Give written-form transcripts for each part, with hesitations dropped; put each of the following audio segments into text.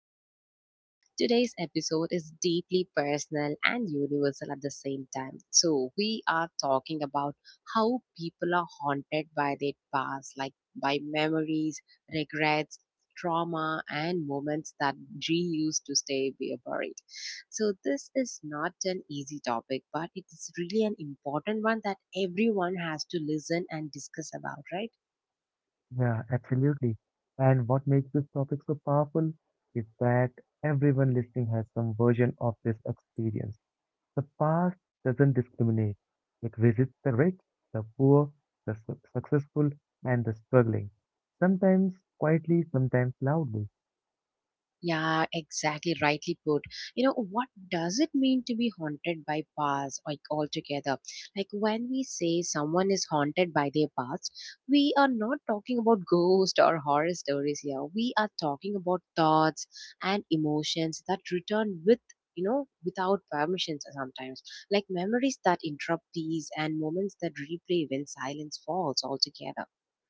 Within. Today's episode is deeply personal and universal at the same time. So, we are talking about how people are haunted by their past, like by memories, regrets, trauma, and moments that reuse to stay be buried. So, this is not an easy topic, but it is really an important one that everyone has to listen and discuss about, right? Yeah, absolutely. And what makes this topic so powerful is that everyone listening has some version of this experience. The past doesn't discriminate. It visits the rich, the poor, the successful, and the struggling. Sometimes quietly, sometimes loudly. Yeah, exactly. Rightly put. You know, what does it mean to be haunted by past, like altogether? Like when we say someone is haunted by their past, we are not talking about ghost or horror stories here. We are talking about thoughts and emotions that return with, you know, without permissions sometimes, like memories that interrupt these and moments that replay when silence falls altogether.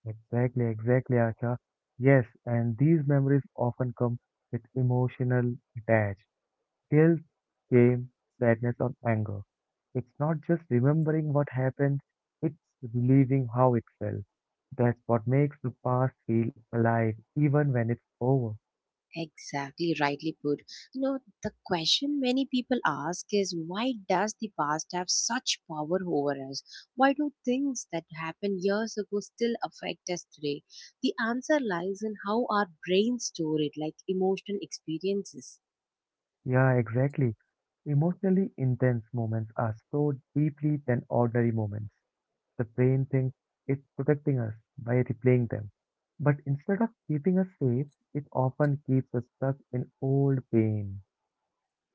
Exactly, exactly, Asha. Yes, and these memories often come with emotional attach. Guilt, shame, sadness, or anger. It's not just remembering what happened, it's relieving how it felt. That's what makes the past feel alive, even when it's over. Exactly, rightly put. You know, the question many people ask is why does the past have such power over us? Why do things that happened years ago still affect us today? The answer lies in how our brains store it, like emotional experiences. Yeah, exactly. Emotionally intense moments are stored deeply than ordinary moments. The brain thinks it's protecting us by replaying them. But instead of keeping us safe, it often keeps us stuck in old pain.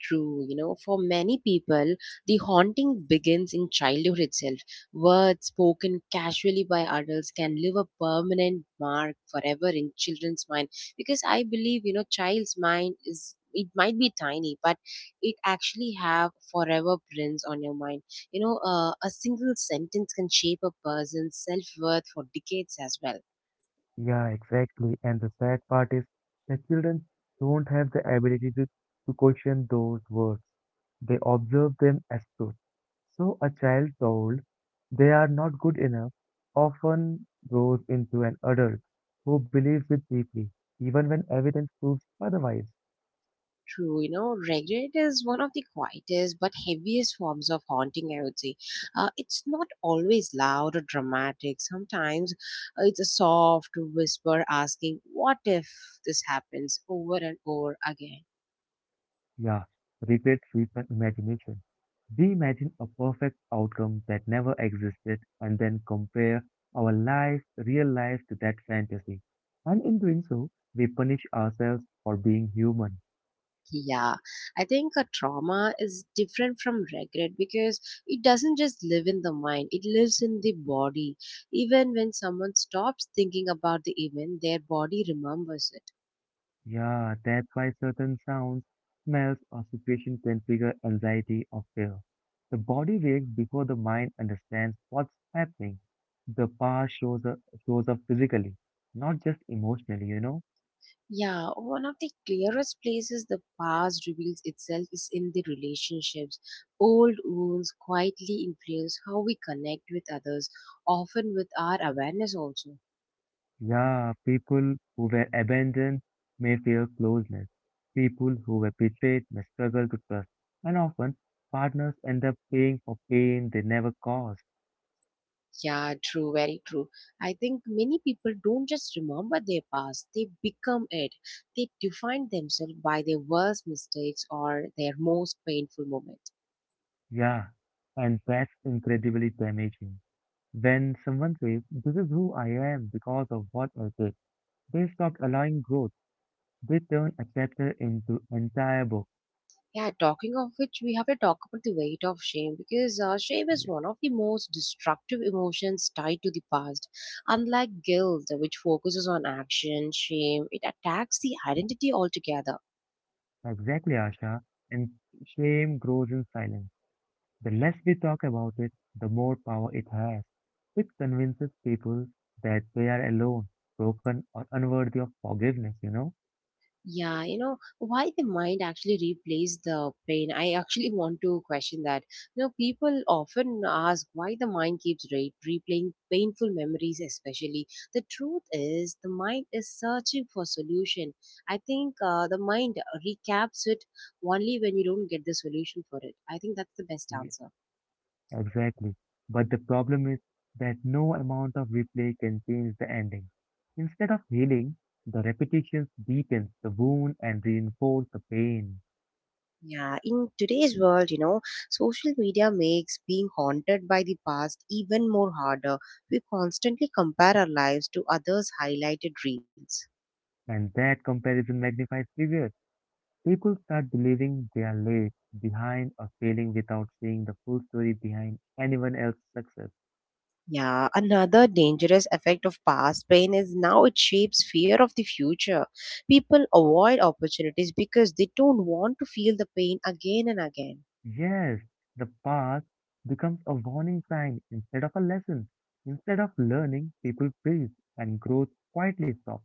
True, you know, for many people, the haunting begins in childhood itself. Words spoken casually by adults can leave a permanent mark forever in children's mind, because I believe, you know, child's mind is it might be tiny, but it actually have forever prints on your mind, you know, a single sentence can shape a person's self-worth for decades as well. Yeah, exactly. And the sad part is that children don't have the ability to question those words. They observe them as truth. So a child told they are not good enough often grows into an adult who believes it deeply, even when evidence proves otherwise. True, you know, regret is one of the quietest but heaviest forms of haunting, I would say. It's not always loud or dramatic. Sometimes it's a soft whisper asking, what if this happens over and over again? Yeah, regret feeds my imagination. We imagine a perfect outcome that never existed and then compare our life, real life, to that fantasy. And in doing so, we punish ourselves for being human. Yeah, I think a trauma is different from regret because it doesn't just live in the mind, it lives in the body. Even when someone stops thinking about the event, their body remembers it. Yeah, that's why certain sounds, smells, or situations can trigger anxiety or fear. The body reacts before the mind understands what's happening. The past shows up physically, not just emotionally. Yeah, one of the clearest places the past reveals itself is in the relationships. Old wounds quietly influence how we connect with others, often with our awareness also. Yeah, people who were abandoned may fear closeness. People who were betrayed may struggle to trust. And often, partners end up paying for pain they never caused. Yeah, true, very true. I think many people don't just remember their past, they become it. They define themselves by their worst mistakes or their most painful moments. Yeah, and that's incredibly damaging. When someone says, "This is who I am because of what I did," they stop allowing growth. They turn a chapter into entire book. Yeah, talking of which, we have to talk about the weight of shame, because shame is Yeah, one of the most destructive emotions tied to the past. Unlike guilt, which focuses on action, shame it attacks the identity altogether. exactly, Asha. And shame grows in silence. The less we talk about it, the more power it has. It convinces people that they are alone, broken, or unworthy of forgiveness? Yeah, you know, why the mind actually replays the brain? I actually want to question that. You know, people often ask why the mind keeps replaying painful memories, especially. The truth is, the mind is searching for solution. I think the mind recaps it only when you don't get the solution for it. I think that's the best Ye- answer. Exactly. But the problem is that no amount of replay can change the ending. Instead of healing, the repetitions deepens the wound and reinforce the pain. Yeah, in today's world, you know, social media makes being haunted by the past even more harder. We constantly compare our lives to others' highlighted reels. And that comparison magnifies fear. People start believing they are late, behind, or failing without seeing the full story behind anyone else's success. Yeah, another dangerous effect of past pain is now it shapes fear of the future. People avoid opportunities because they don't want to feel the pain again and again. Yes, the past becomes a warning sign instead of a lesson. Instead of learning, people freeze and growth quietly stops.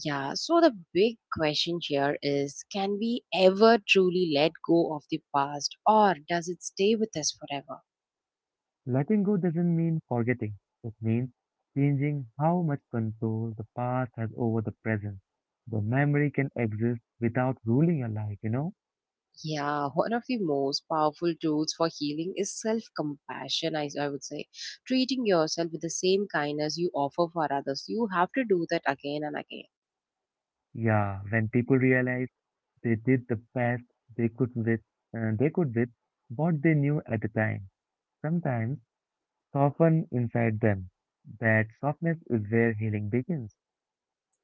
Yeah, so the big question here is can we ever truly let go of the past, or does it stay with us forever? Letting go doesn't mean forgetting. It means changing how much control the past has over the present. The memory can exist without ruling your life? Yeah, one of the most powerful tools for healing is self compassion, I would say. Treating yourself with the same kindness you offer for others. You have to do that again and again. Yeah, when people realize they did the best they could with what they knew at the time. Sometimes soften inside them. That softness is where healing begins.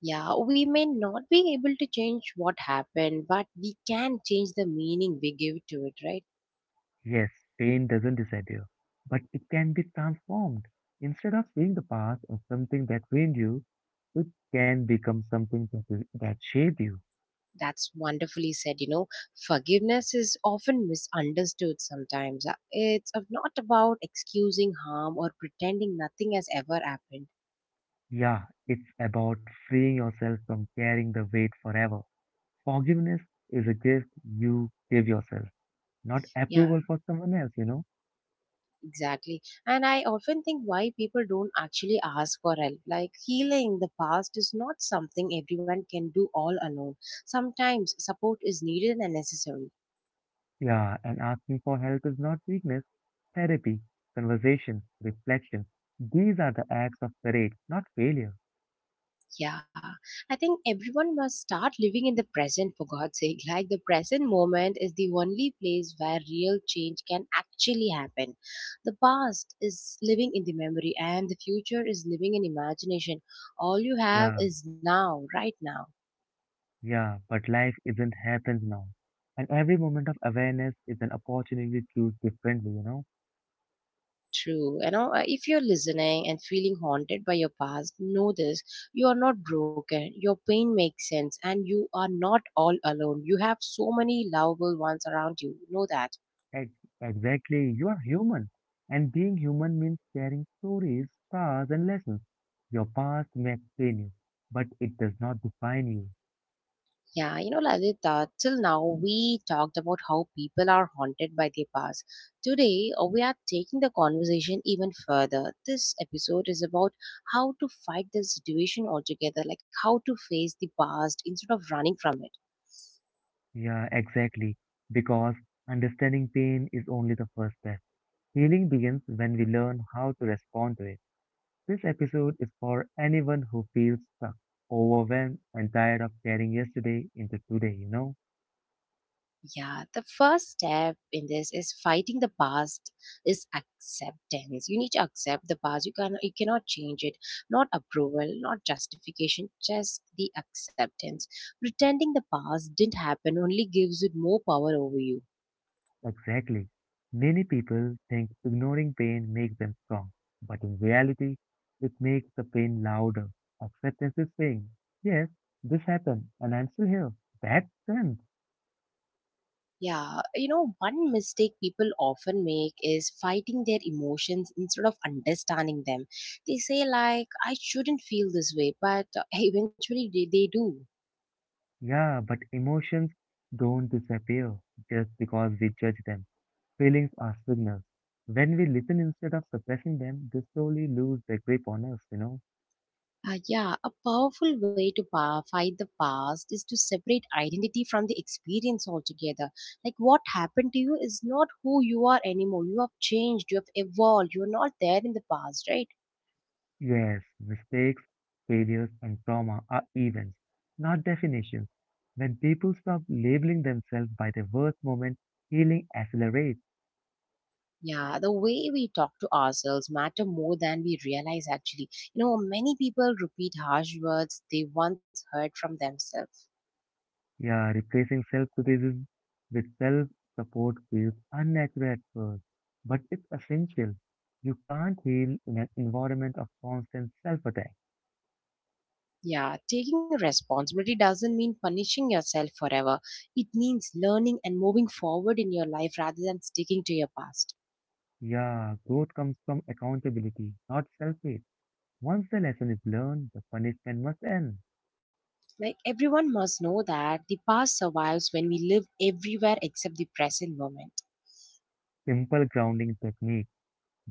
Yeah, we may not be able to change what happened, but we can change the meaning we give to it, right? Yes, pain doesn't disappear, but it can be transformed. Instead of seeing the past as something that ruined you, it can become something that shaped you. That's wonderfully said. You know, forgiveness is often misunderstood sometimes. It's not about excusing harm or pretending nothing has ever happened. Yeah, it's about freeing yourself from carrying the weight forever. Forgiveness is a gift you give yourself, not Yeah, approval for someone else, you know. exactly. And I often think why people don't actually ask for help. Like healing the past is not something everyone can do all alone. Sometimes support is needed and necessary. Yeah, and asking for help is not weakness. Therapy, conversation, reflection. These are the acts of courage, not failure. Yeah. I think everyone must start living in the present for God's sake. Like the present moment is the only place where real change can actually happen. The past is living in the memory and the future is living in imagination. All you have Yeah, is now, right now. yeah, but life isn't happened now. And every moment of awareness is an opportunity to choose differently? True. You know, if you're listening and feeling haunted by your past, know this. You are not broken. Your pain makes sense and you are not all alone. You have so many lovable ones around you. Know that. Ex- exactly, you are human. And being human means sharing stories, scars, and lessons. Your past may explain you, but it does not define you. Yeah, you know, Lalita, till now we talked about how people are haunted by their past. Today, we are taking the conversation even further. This episode is about how to fight the situation altogether, like how to face the past instead of running from it. Yeah, exactly. Because understanding pain is only the first step. Healing begins when we learn how to respond to it. This episode is for anyone who feels stuck, overwhelmed, and tired of carrying yesterday into today? Yeah, the first step in this is fighting the past is acceptance. You need to accept the past. You cannot change it. Not approval, not justification, just the acceptance. Pretending the past didn't happen only gives it more power over you. Exactly. Many people think ignoring pain makes them strong, but in reality, it makes the pain louder. Acceptance is saying, "Yes, this happened, and I'm still here." That's strength. Yeah, you know, one mistake people often make is fighting their emotions instead of understanding them. They say like I shouldn't feel this way, but eventually they do. Yeah, but emotions don't disappear just because we judge them. Feelings are signals. When we listen instead of suppressing them, they slowly lose their grip on us? Yeah, a powerful way to fight the past is to separate identity from the experience altogether. Like what happened to you is not who you are anymore. You have changed, you have evolved, you're not there in the past, right? Yes, mistakes, failures, and trauma are events, not definitions. When people stop labeling themselves by their worst moment, healing accelerates. Yeah, the way we talk to ourselves matter more than we realize actually. You know, many people repeat harsh words they once heard from themselves. Yeah, replacing self criticism with self support feels unnatural at first, but it's essential. You can't heal in an environment of constant self attack. Yeah, taking responsibility doesn't mean punishing yourself forever. It means learning and moving forward in your life rather than sticking to your past. Yeah, growth comes from accountability, not self hate. Once the lesson is learned, the punishment must end. Like everyone must know that the past survives when we live everywhere except the present moment. Simple grounding techniques,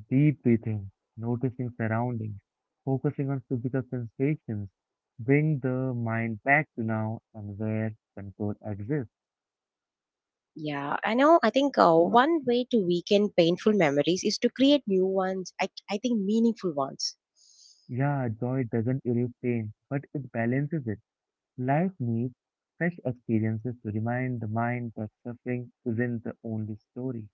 deep breathing, noticing surroundings, focusing on physical sensations, bring the mind back to now and where control exists. Yeah, I know. I think one way to weaken painful memories is to create new ones. I think meaningful ones. Yeah, joy doesn't erase pain, but it balances it. Life needs fresh experiences to remind the mind that suffering isn't the only story.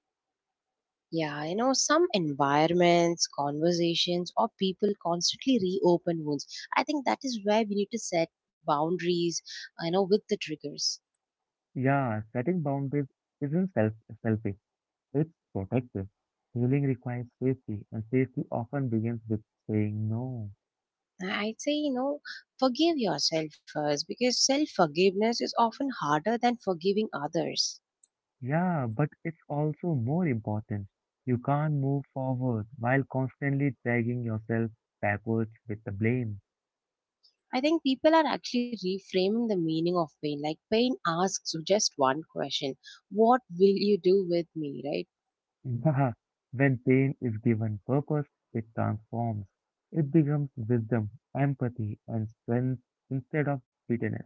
Yeah, you know, some environments, conversations, or people constantly reopen wounds. I think that is where we need to set boundaries, you know, with the triggers. Yeah, setting boundaries isn't selfish. It's protective. Healing requires safety, and safety often begins with saying no. I'd say, you know, forgive yourself first because self forgiveness is often harder than forgiving others. Yeah, but it's also more important. You can't move forward while constantly dragging yourself backwards with the blame. I think people are actually reframing the meaning of pain. Like, pain asks just one question: what will you do with me, right? When pain is given purpose, it transforms. It becomes wisdom, empathy, and strength instead of bitterness.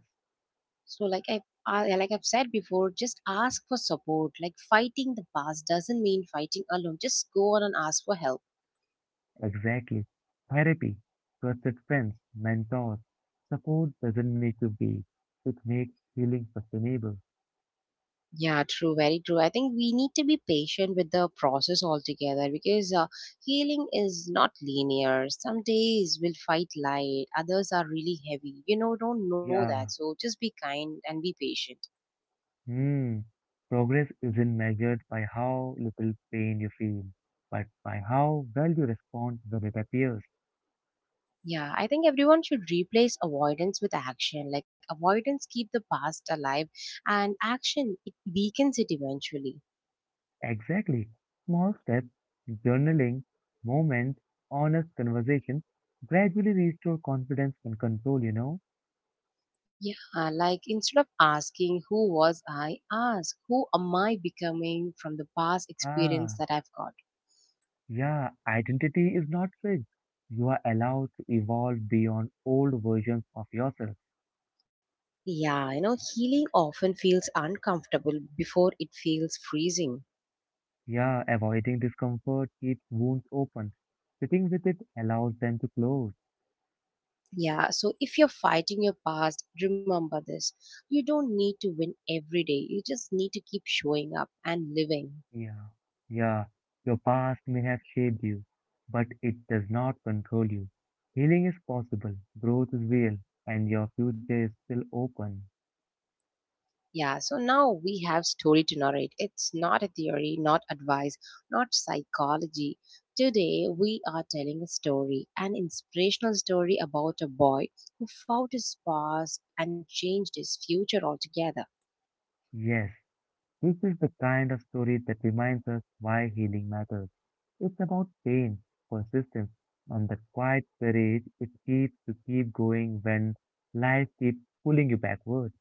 So, like I've said before, just ask for support. Like fighting the past doesn't mean fighting alone. Just go on and ask for help. Exactly. Therapy, trusted friends, mentors, support doesn't make you weak. It makes healing sustainable. Yeah, true, very true. I think we need to be patient with the process altogether because healing is not linear. Some days we'll fight light, others are really heavy. You know, don't know that. Yeah. So just be kind and be patient. Hmm. Progress isn't measured by how little pain you feel, but by how well you respond when it appears. Yeah, I think everyone should replace avoidance with action. Like avoidance keep the past alive and action it weakens it eventually. Exactly. Small steps, journaling, moments, honest conversation gradually restore confidence and control, you know. Yeah, like instead of asking who was I, ask who am I becoming from the past Ah. experience that I've got. Yeah, identity is not fixed. You are allowed to evolve beyond old versions of yourself. Yeah, you know, healing often feels uncomfortable before it feels freezing. Yeah, avoiding discomfort keeps wounds open. Sitting with it allows them to close. Yeah, so if you're fighting your past, remember this. You don't need to win every day. You just need to keep showing up and living. Yeah, yeah, your past may have shaped you, but it does not control you. Healing is possible, growth is real, and your future is still open. Yeah, so now we have story to narrate. It's not a theory, not advice, not psychology. Today we are telling a story, an inspirational story about a boy who found his past and changed his future altogether. Yes, this is the kind of story that reminds us why healing matters. It's about pain, persistence, and the quiet courage it keeps to keep going when life keeps pulling you backward.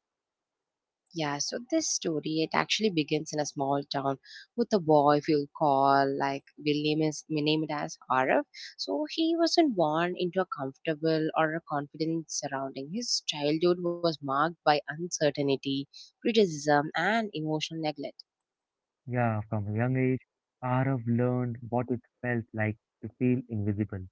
Yeah, so this story it actually begins in a small town with a boy if you'll call like we name it as Arav. So he wasn't born into a comfortable or a confident surrounding. His childhood was marked by uncertainty, criticism and emotional neglect. Yeah, from a young age, Arav learned what it felt like to feel invisible.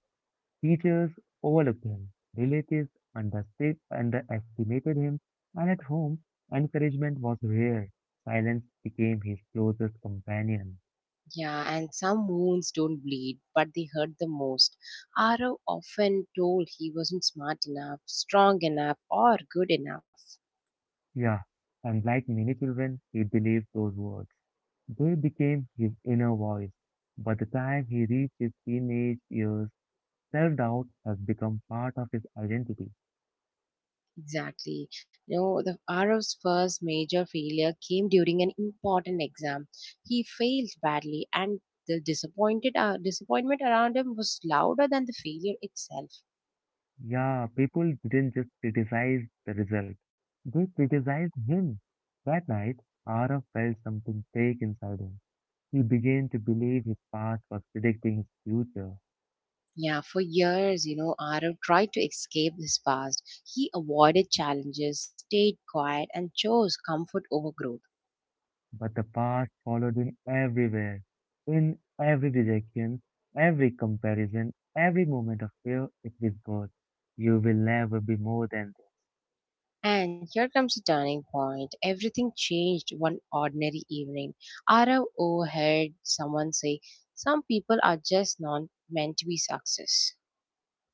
Teachers overlooked him, relatives understood, underestimated him, and at home, encouragement was rare. Silence became his closest companion. Yeah, and some wounds don't bleed, but they hurt the most. Arav often told he wasn't smart enough, strong enough, or good enough. Yeah, and like many children, he believed those words. They became his inner voice. By the time he reached his teenage years, self doubt has become part of his identity. Exactly. You know, the RF's first major failure came during an important exam. He failed badly, and the disappointed disappointment around him was louder than the failure itself. Yeah, people didn't just criticize the result, they criticized him. That night, Arav felt something fake inside him. He began to believe his past was predicting his future. Yeah, for years, you know, RF tried to escape his past. He avoided challenges, stayed quiet, and chose comfort over growth. But the past followed him everywhere, in every rejection, every comparison, every moment of fear. It whispered, "You will never be more than this." And here comes the turning point. Everything changed one ordinary evening. Arav overheard someone say, some people are just not meant to be success.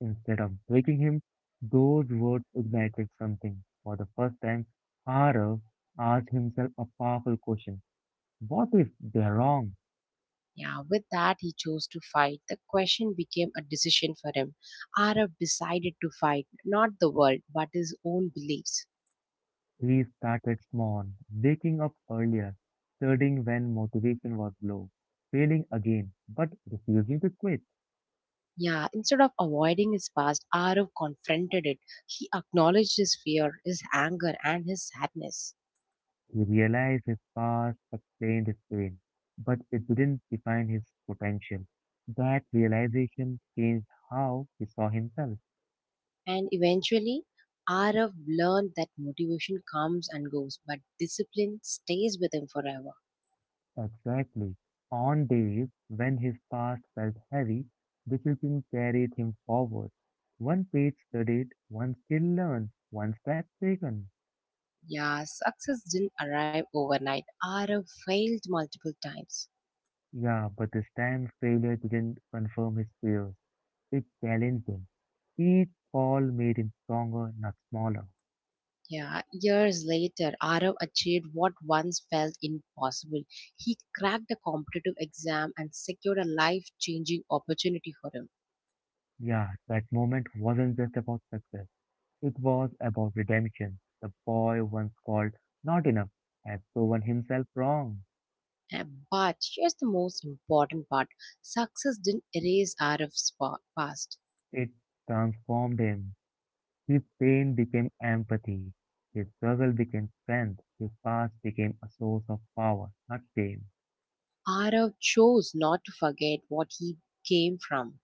Instead of breaking him, those words ignited something. For the first time, Arav asked himself a powerful question. What if they're wrong? Yeah, with that, he chose to fight. The question became a decision for him. Arav decided to fight, not the world, but his own beliefs. He started small, waking up earlier, studying when motivation was low, failing again, but refusing to quit. Yeah, instead of avoiding his past, Arav confronted it. He acknowledged his fear, his anger, and his sadness. He realized his past explained his pain, but it didn't define his potential. That realization changed how he saw himself. And eventually, Arav learned that motivation comes and goes, but discipline stays with him forever. Exactly. On days when his past felt heavy, discipline carried him forward. One page studied, one skill learned, one step taken. Yeah, success didn't arrive overnight. Arav failed multiple times. Yeah, but this time failure didn't confirm his fears. It challenged him. Each fall made him stronger, not smaller. Yeah, years later, Arav achieved what once felt impossible. He cracked a competitive exam and secured a life changing opportunity for him. Yeah, that moment wasn't just about success. It was about redemption. The boy once called not enough had proven himself wrong. Uh, But here's the most important part success didn't erase Arav's past. It transformed him. His pain became empathy. His struggle became strength. His past became a source of power, not shame. Arav chose not to forget what he came from.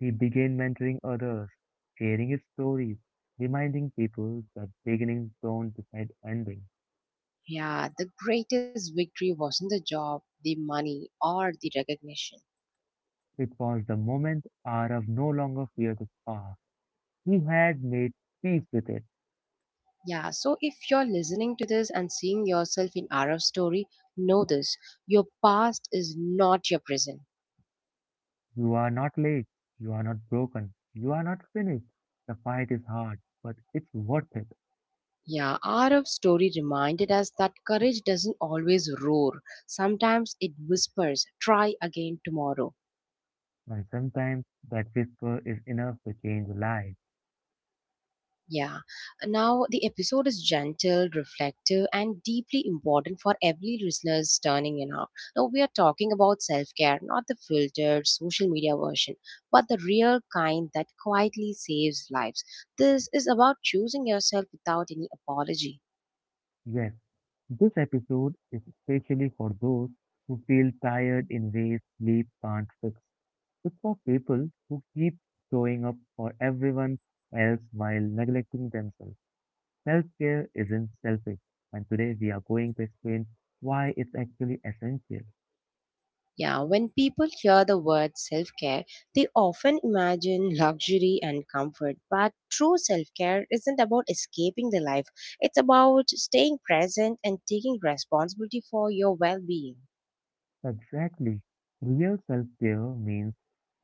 He began mentoring others, sharing his stories, reminding people that beginnings don't decide endings. Yeah, the greatest victory wasn't the job, the money, or the recognition. It was the moment Arav no longer feared his past. He had made peace with it. Yeah, so if you're listening to this and seeing yourself in Arav's story, know this, your past is not your prison. You are not late. You are not broken. You are not finished. The fight is hard, but it's worth it. Yeah, Arav's story reminded us that courage doesn't always roar. Sometimes it whispers, try again tomorrow. And sometimes that whisper is enough to change a life. Yeah. Now the episode is gentle, reflective, and deeply important for every listener's turning in out. Now we are talking about self-care, not the filtered social media version, but the real kind that quietly saves lives. This is about choosing yourself without any apology. Yes, this episode is especially for those who feel tired in ways sleep can't fix. It's for people who keep showing up for everyone else while neglecting themselves. Self care isn't selfish, and today we are going to explain why it's actually essential. Yeah, when people hear the word self care, they often imagine luxury and comfort. But true self care isn't about escaping the life, it's about staying present and taking responsibility for your well being. Exactly. Real self-care means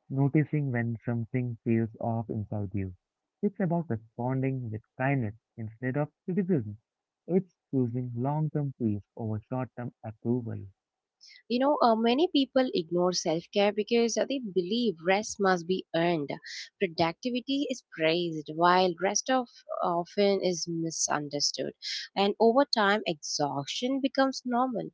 noticing when something feels off inside you. It's about responding with kindness instead of criticism. It's choosing long-term peace over short-term approval. You know, many people ignore self care because they believe rest must be earned. Productivity is praised, while rest of often is misunderstood. And over time, exhaustion becomes normal.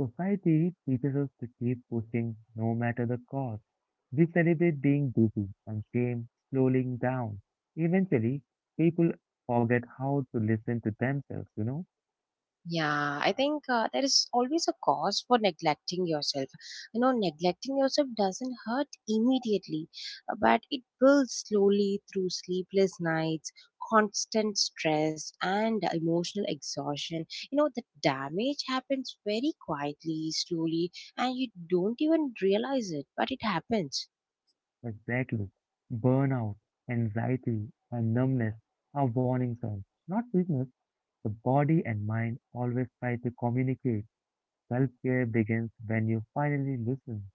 Society teaches us to keep pushing no matter the cost. We celebrate being busy and shame slowing down. Eventually, people forget how to listen to themselves? Yeah, I think there is always a cause for neglecting yourself. You know, neglecting yourself doesn't hurt immediately, but it builds slowly through sleepless nights, constant stress, and emotional exhaustion. You know, the damage happens very quietly, slowly, and you don't even realize it, but it happens. Exactly. Burnout, anxiety, and numbness are warning signs, not weakness. The body and mind always try to communicate. Self care begins when you finally listen.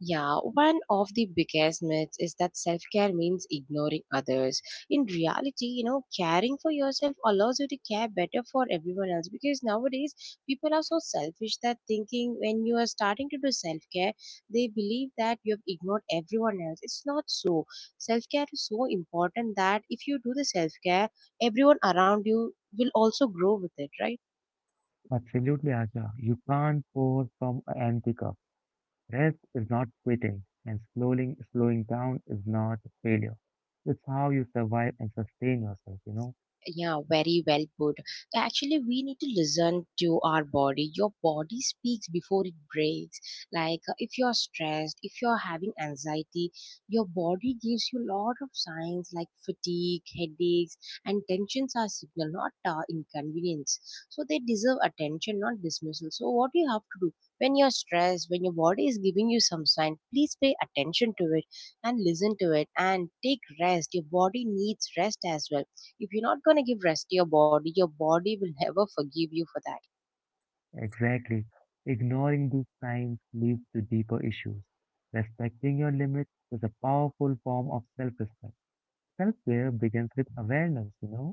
Yeah, one of the biggest myths is that self care means ignoring others. In reality, you know, caring for yourself allows you to care better for everyone else, because nowadays people are so selfish that thinking when you are starting to do self care, they believe that you have ignored everyone else. It's not so. Self care is so important that if you do the self care, everyone around you will also grow with it, right? Absolutely, Asha. You can't pour from an empty cup. Rest is not quitting, and slowing down is not failure. It's how you survive and sustain yourself, you know. Yeah, very well put. Actually, we need to listen to our body. Your body speaks before it breaks. Like if you're stressed, if you're having anxiety, your body gives you a lot of signs like fatigue, headaches, and tensions are signal, not inconvenience. So they deserve attention, not dismissal. So what you have to do when you're stressed, when your body is giving you some sign, please pay attention to it and listen to it and take rest. Your body needs rest as well. If you're not going to give rest to your body, your body will never forgive you for that. Exactly. Ignoring these signs leads to deeper issues. Respecting your limits is a powerful form of self-respect. Self-care begins with awareness?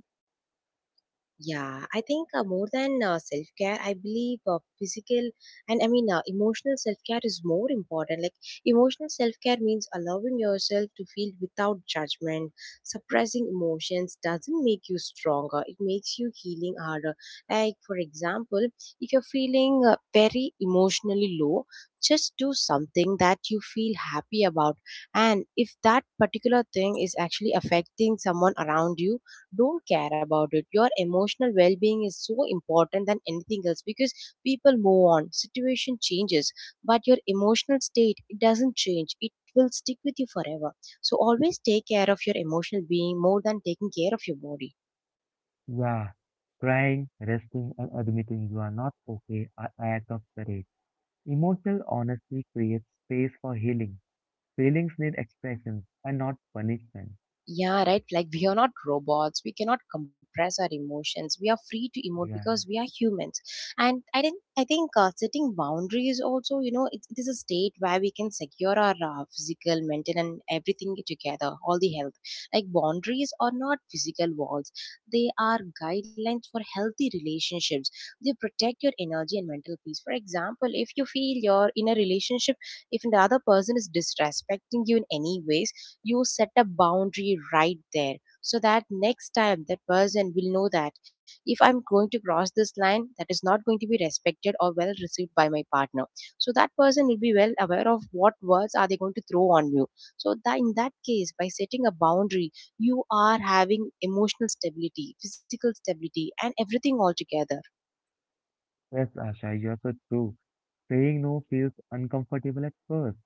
Yeah, I think more than self care, I believe physical, and I mean emotional self care is more important. Like emotional self care means allowing yourself to feel without judgment. Suppressing emotions doesn't make you stronger; it makes you healing harder. Like for example, if you're feeling very emotionally low, just do something that you feel happy about, and if that particular thing is actually affecting someone around you, don't care about it. Your emotional well-being is so important than anything else, because people move on, situation changes, but your emotional state, it doesn't change, it will stick with you forever. So always take care of your emotional being more than taking care of your body. Yeah. Crying, resting, and admitting you are not okay are acts of courage. Emotional honesty creates space for healing. Feelings need expressions and not punishment. Yeah, right. Like we are not robots. We cannot compress our emotions. We are free to emote Yeah. because we are humans. And I think setting boundaries also, you know, it is a state where we can secure our physical, mental, and everything together, all the health. Like boundaries are not physical walls. They are guidelines for healthy relationships. They protect your energy and mental peace. For example, if you feel you're in a relationship, if the other person is disrespecting you in any ways, you set a boundary right there, so that next time that person will know that if I'm going to cross this line, that is not going to be respected or well received by my partner. So that person will be well aware of what words are they going to throw on you. So that in that case, by setting a boundary, you are having emotional stability, physical stability, and everything all together. Yes, Asha, you're so true. Saying no feels uncomfortable at first,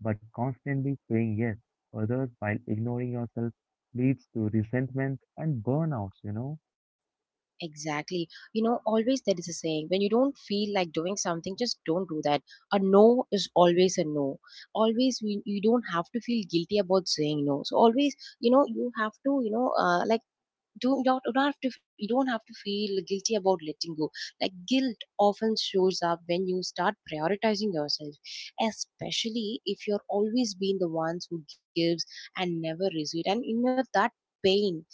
but constantly saying yes to others while ignoring yourself leads to resentment and burnouts? Exactly. You know, always there is a saying, when you don't feel like doing something, just don't do that. A no is always a no. Always, we, you don't have to feel guilty about saying no. So, always, you know, you have to, you know, like, do not, you don't have to feel guilty about letting go. Like guilt often shows up when you start prioritizing yourself, especially if you're always being the ones who gives and never receives. And you know that pain,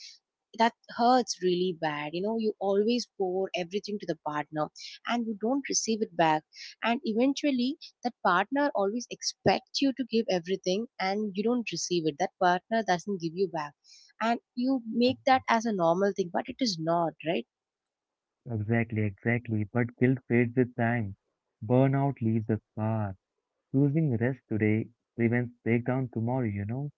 that hurts really bad, you know. You always pour everything to the partner and you don't receive it back, and eventually that partner always expects you to give everything and you don't receive it, that partner doesn't give you back, and you make Ex- that as a normal thing, but it is not right. Exactly, exactly. But guilt fades with time. Burnout leaves a scar. Choosing rest today prevents breakdown tomorrow?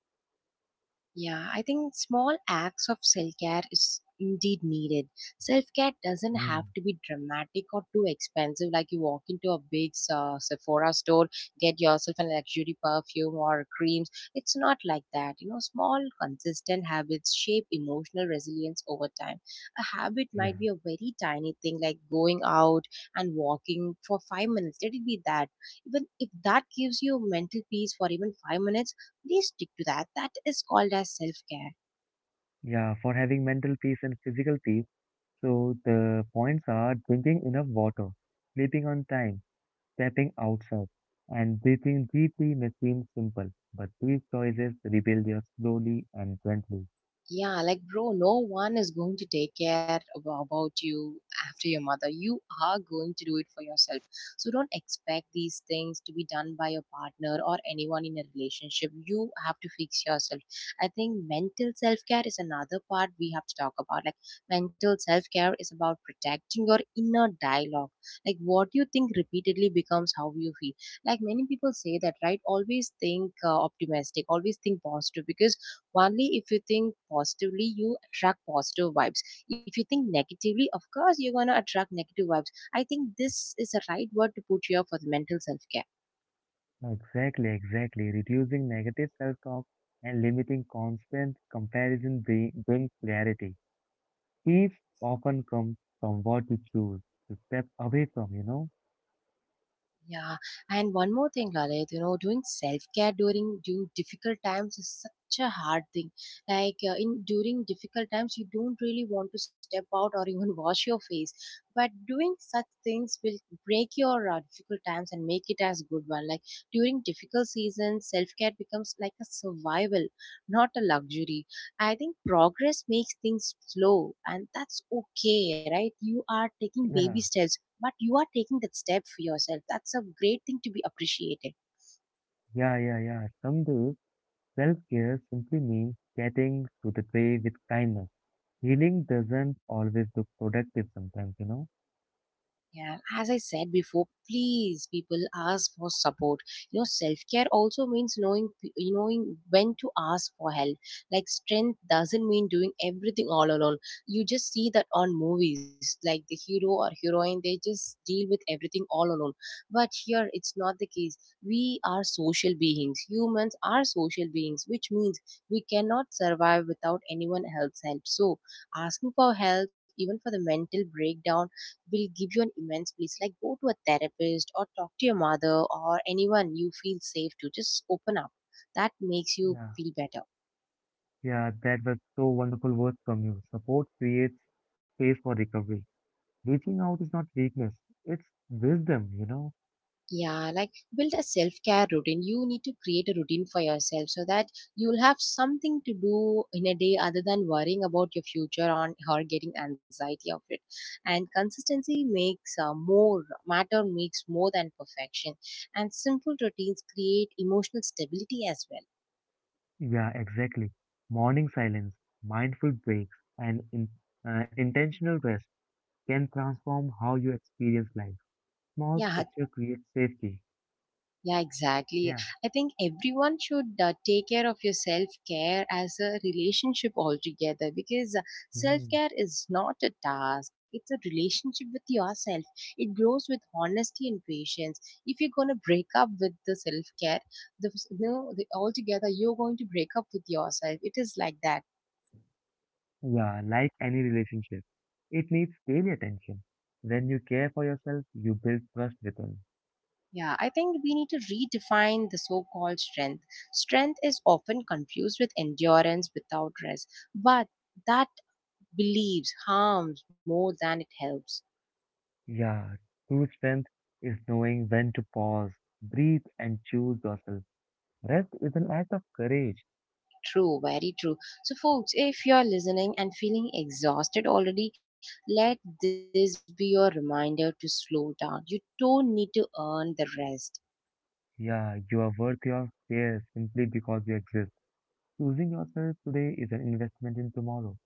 Yeah, I think small acts of self care is indeed needed. Self care doesn't have Mm, to be dramatic or too expensive, like you walk into a big Sephora store, get yourself a luxury perfume or creams. It's not like that. You know, small, consistent habits shape emotional resilience over time. A habit yeah, might be a very tiny thing, like going out and walking for 5 minutes. Let it be that. Even if that gives you mental peace for even 5 minutes, please stick to that. That is called as self care. yeah. For having mental peace and physical peace, so the points are drinking enough water, sleeping on time, stepping outside and breathing deeply may seem simple, but these choices rebuild you slowly and gently. Yeah, like bro, no one is going to take care about you after your mother. You are going to do it for yourself. So don't expect these things to be done by your partner or anyone in a relationship. You have to fix yourself. I think mental self care is another part we have to talk about. Like mental self care is about protecting your inner dialogue. Like what you think repeatedly becomes how you feel. Like many people say that, right? Always think optimistic, always think positive, because only if you think positively, you attract positive vibes. If you think negatively, of course, you're going to attract negative vibes. I think this is the right word to put here for the mental self care. Exactly, exactly. Reducing negative self-talk and limiting constant brings clarity. Peace often comes from what you choose to step away from, you know? Yeah, and one more thing, Lalit, you know, doing self care during difficult times is such a hard thing. Like in during difficult times, you don't really want to step out or even wash your face. But doing such things will break your difficult times and make it as good one. Like during difficult seasons, self care becomes like a survival, not a luxury. I think progress makes things slow, and that's okay, right? You are taking baby Yeah, steps, but you are taking that step for yourself. That's a great thing to be appreciated. yeah, yeah, yeah. Some days, self-care simply means getting to the day with kindness. Healing doesn't always look productive sometimes? Yeah, as I said before, please people ask for support. You know, self care also means knowing when to ask for help. Like strength doesn't mean doing everything all alone. You just see that on movies, like the hero or heroine, they just deal with everything all alone. But here, it's not the case. We are social beings. Humans are social beings, which means we cannot survive without anyone else's help. So, asking for help, even for the mental breakdown, will give you an immense peace. Like go to a therapist or talk to your mother or anyone you feel safe to. Just open up. That makes you Yeah. feel better. Yeah, that was so wonderful words from you. Support creates space for recovery. Reaching out is not weakness, it's wisdom? Yeah, like build a self care routine. You need to create a routine for yourself, so that you'll have something to do in a day other than worrying about your future on or getting anxiety of it. And consistency makes more matter makes more than perfection. And simple routines create emotional stability as well. Yeah, exactly. Morning silence, mindful breaks, and intentional rest can transform how you experience life. Small Yeah, structure creates safety. yeah, exactly. Yeah. I think everyone should take care of your self care as a relationship altogether, because self Mm. care is not a task, it's a relationship with yourself. It grows with honesty and patience. If you're going to break up with the self care, the, no, the, altogether you're going to break up with yourself. It is like that. Yeah, like any relationship, it needs daily attention. When you care for yourself, you build trust with others. Yeah, I think we need to redefine the so called strength. Strength is often confused with endurance without rest, but that believes harms more than it helps. Yeah, true strength is knowing when to pause, breathe, and choose yourself. Rest is an act of courage. True, very true. So, folks, if you're listening and feeling exhausted already, let this be your reminder to slow down. You don't need to earn the rest. Yeah, you are worthy of care simply because you exist. Choosing yourself today is an investment in tomorrow.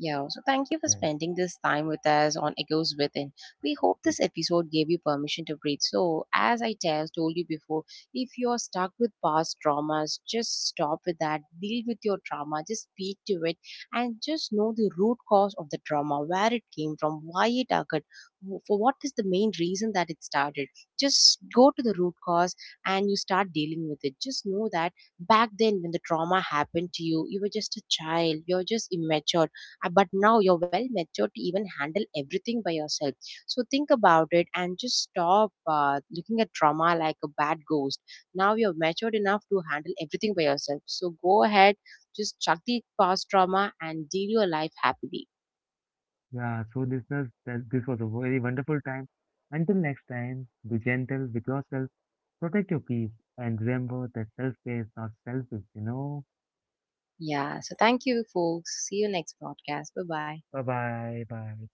Yeah, so thank you for Yes. spending this time with us on Echoes Within. We hope this episode gave you permission to breathe. So, as told you before, if you're stuck with past traumas, just stop with that. Deal with your trauma, just speak to it, and just know the root cause of the trauma, where it came from, why it occurred, for what is the main reason that it started. Just go to the root cause and you start dealing with it. Just know that back then, when the trauma happened to you, you were just a child, you're just immature, but now you're well matured to even handle everything by yourself. So think about it and just stop looking at trauma like a bad ghost. Now you're matured enough to handle everything by yourself, so go ahead, just chuck the past trauma and deal your life happily. Yeah, so listeners, that this was a very wonderful time. Until next time, be gentle with yourself, protect your peace, and remember that self care is not selfish? Yeah, so thank you folks, see you next podcast, bye bye. Bye bye, bye.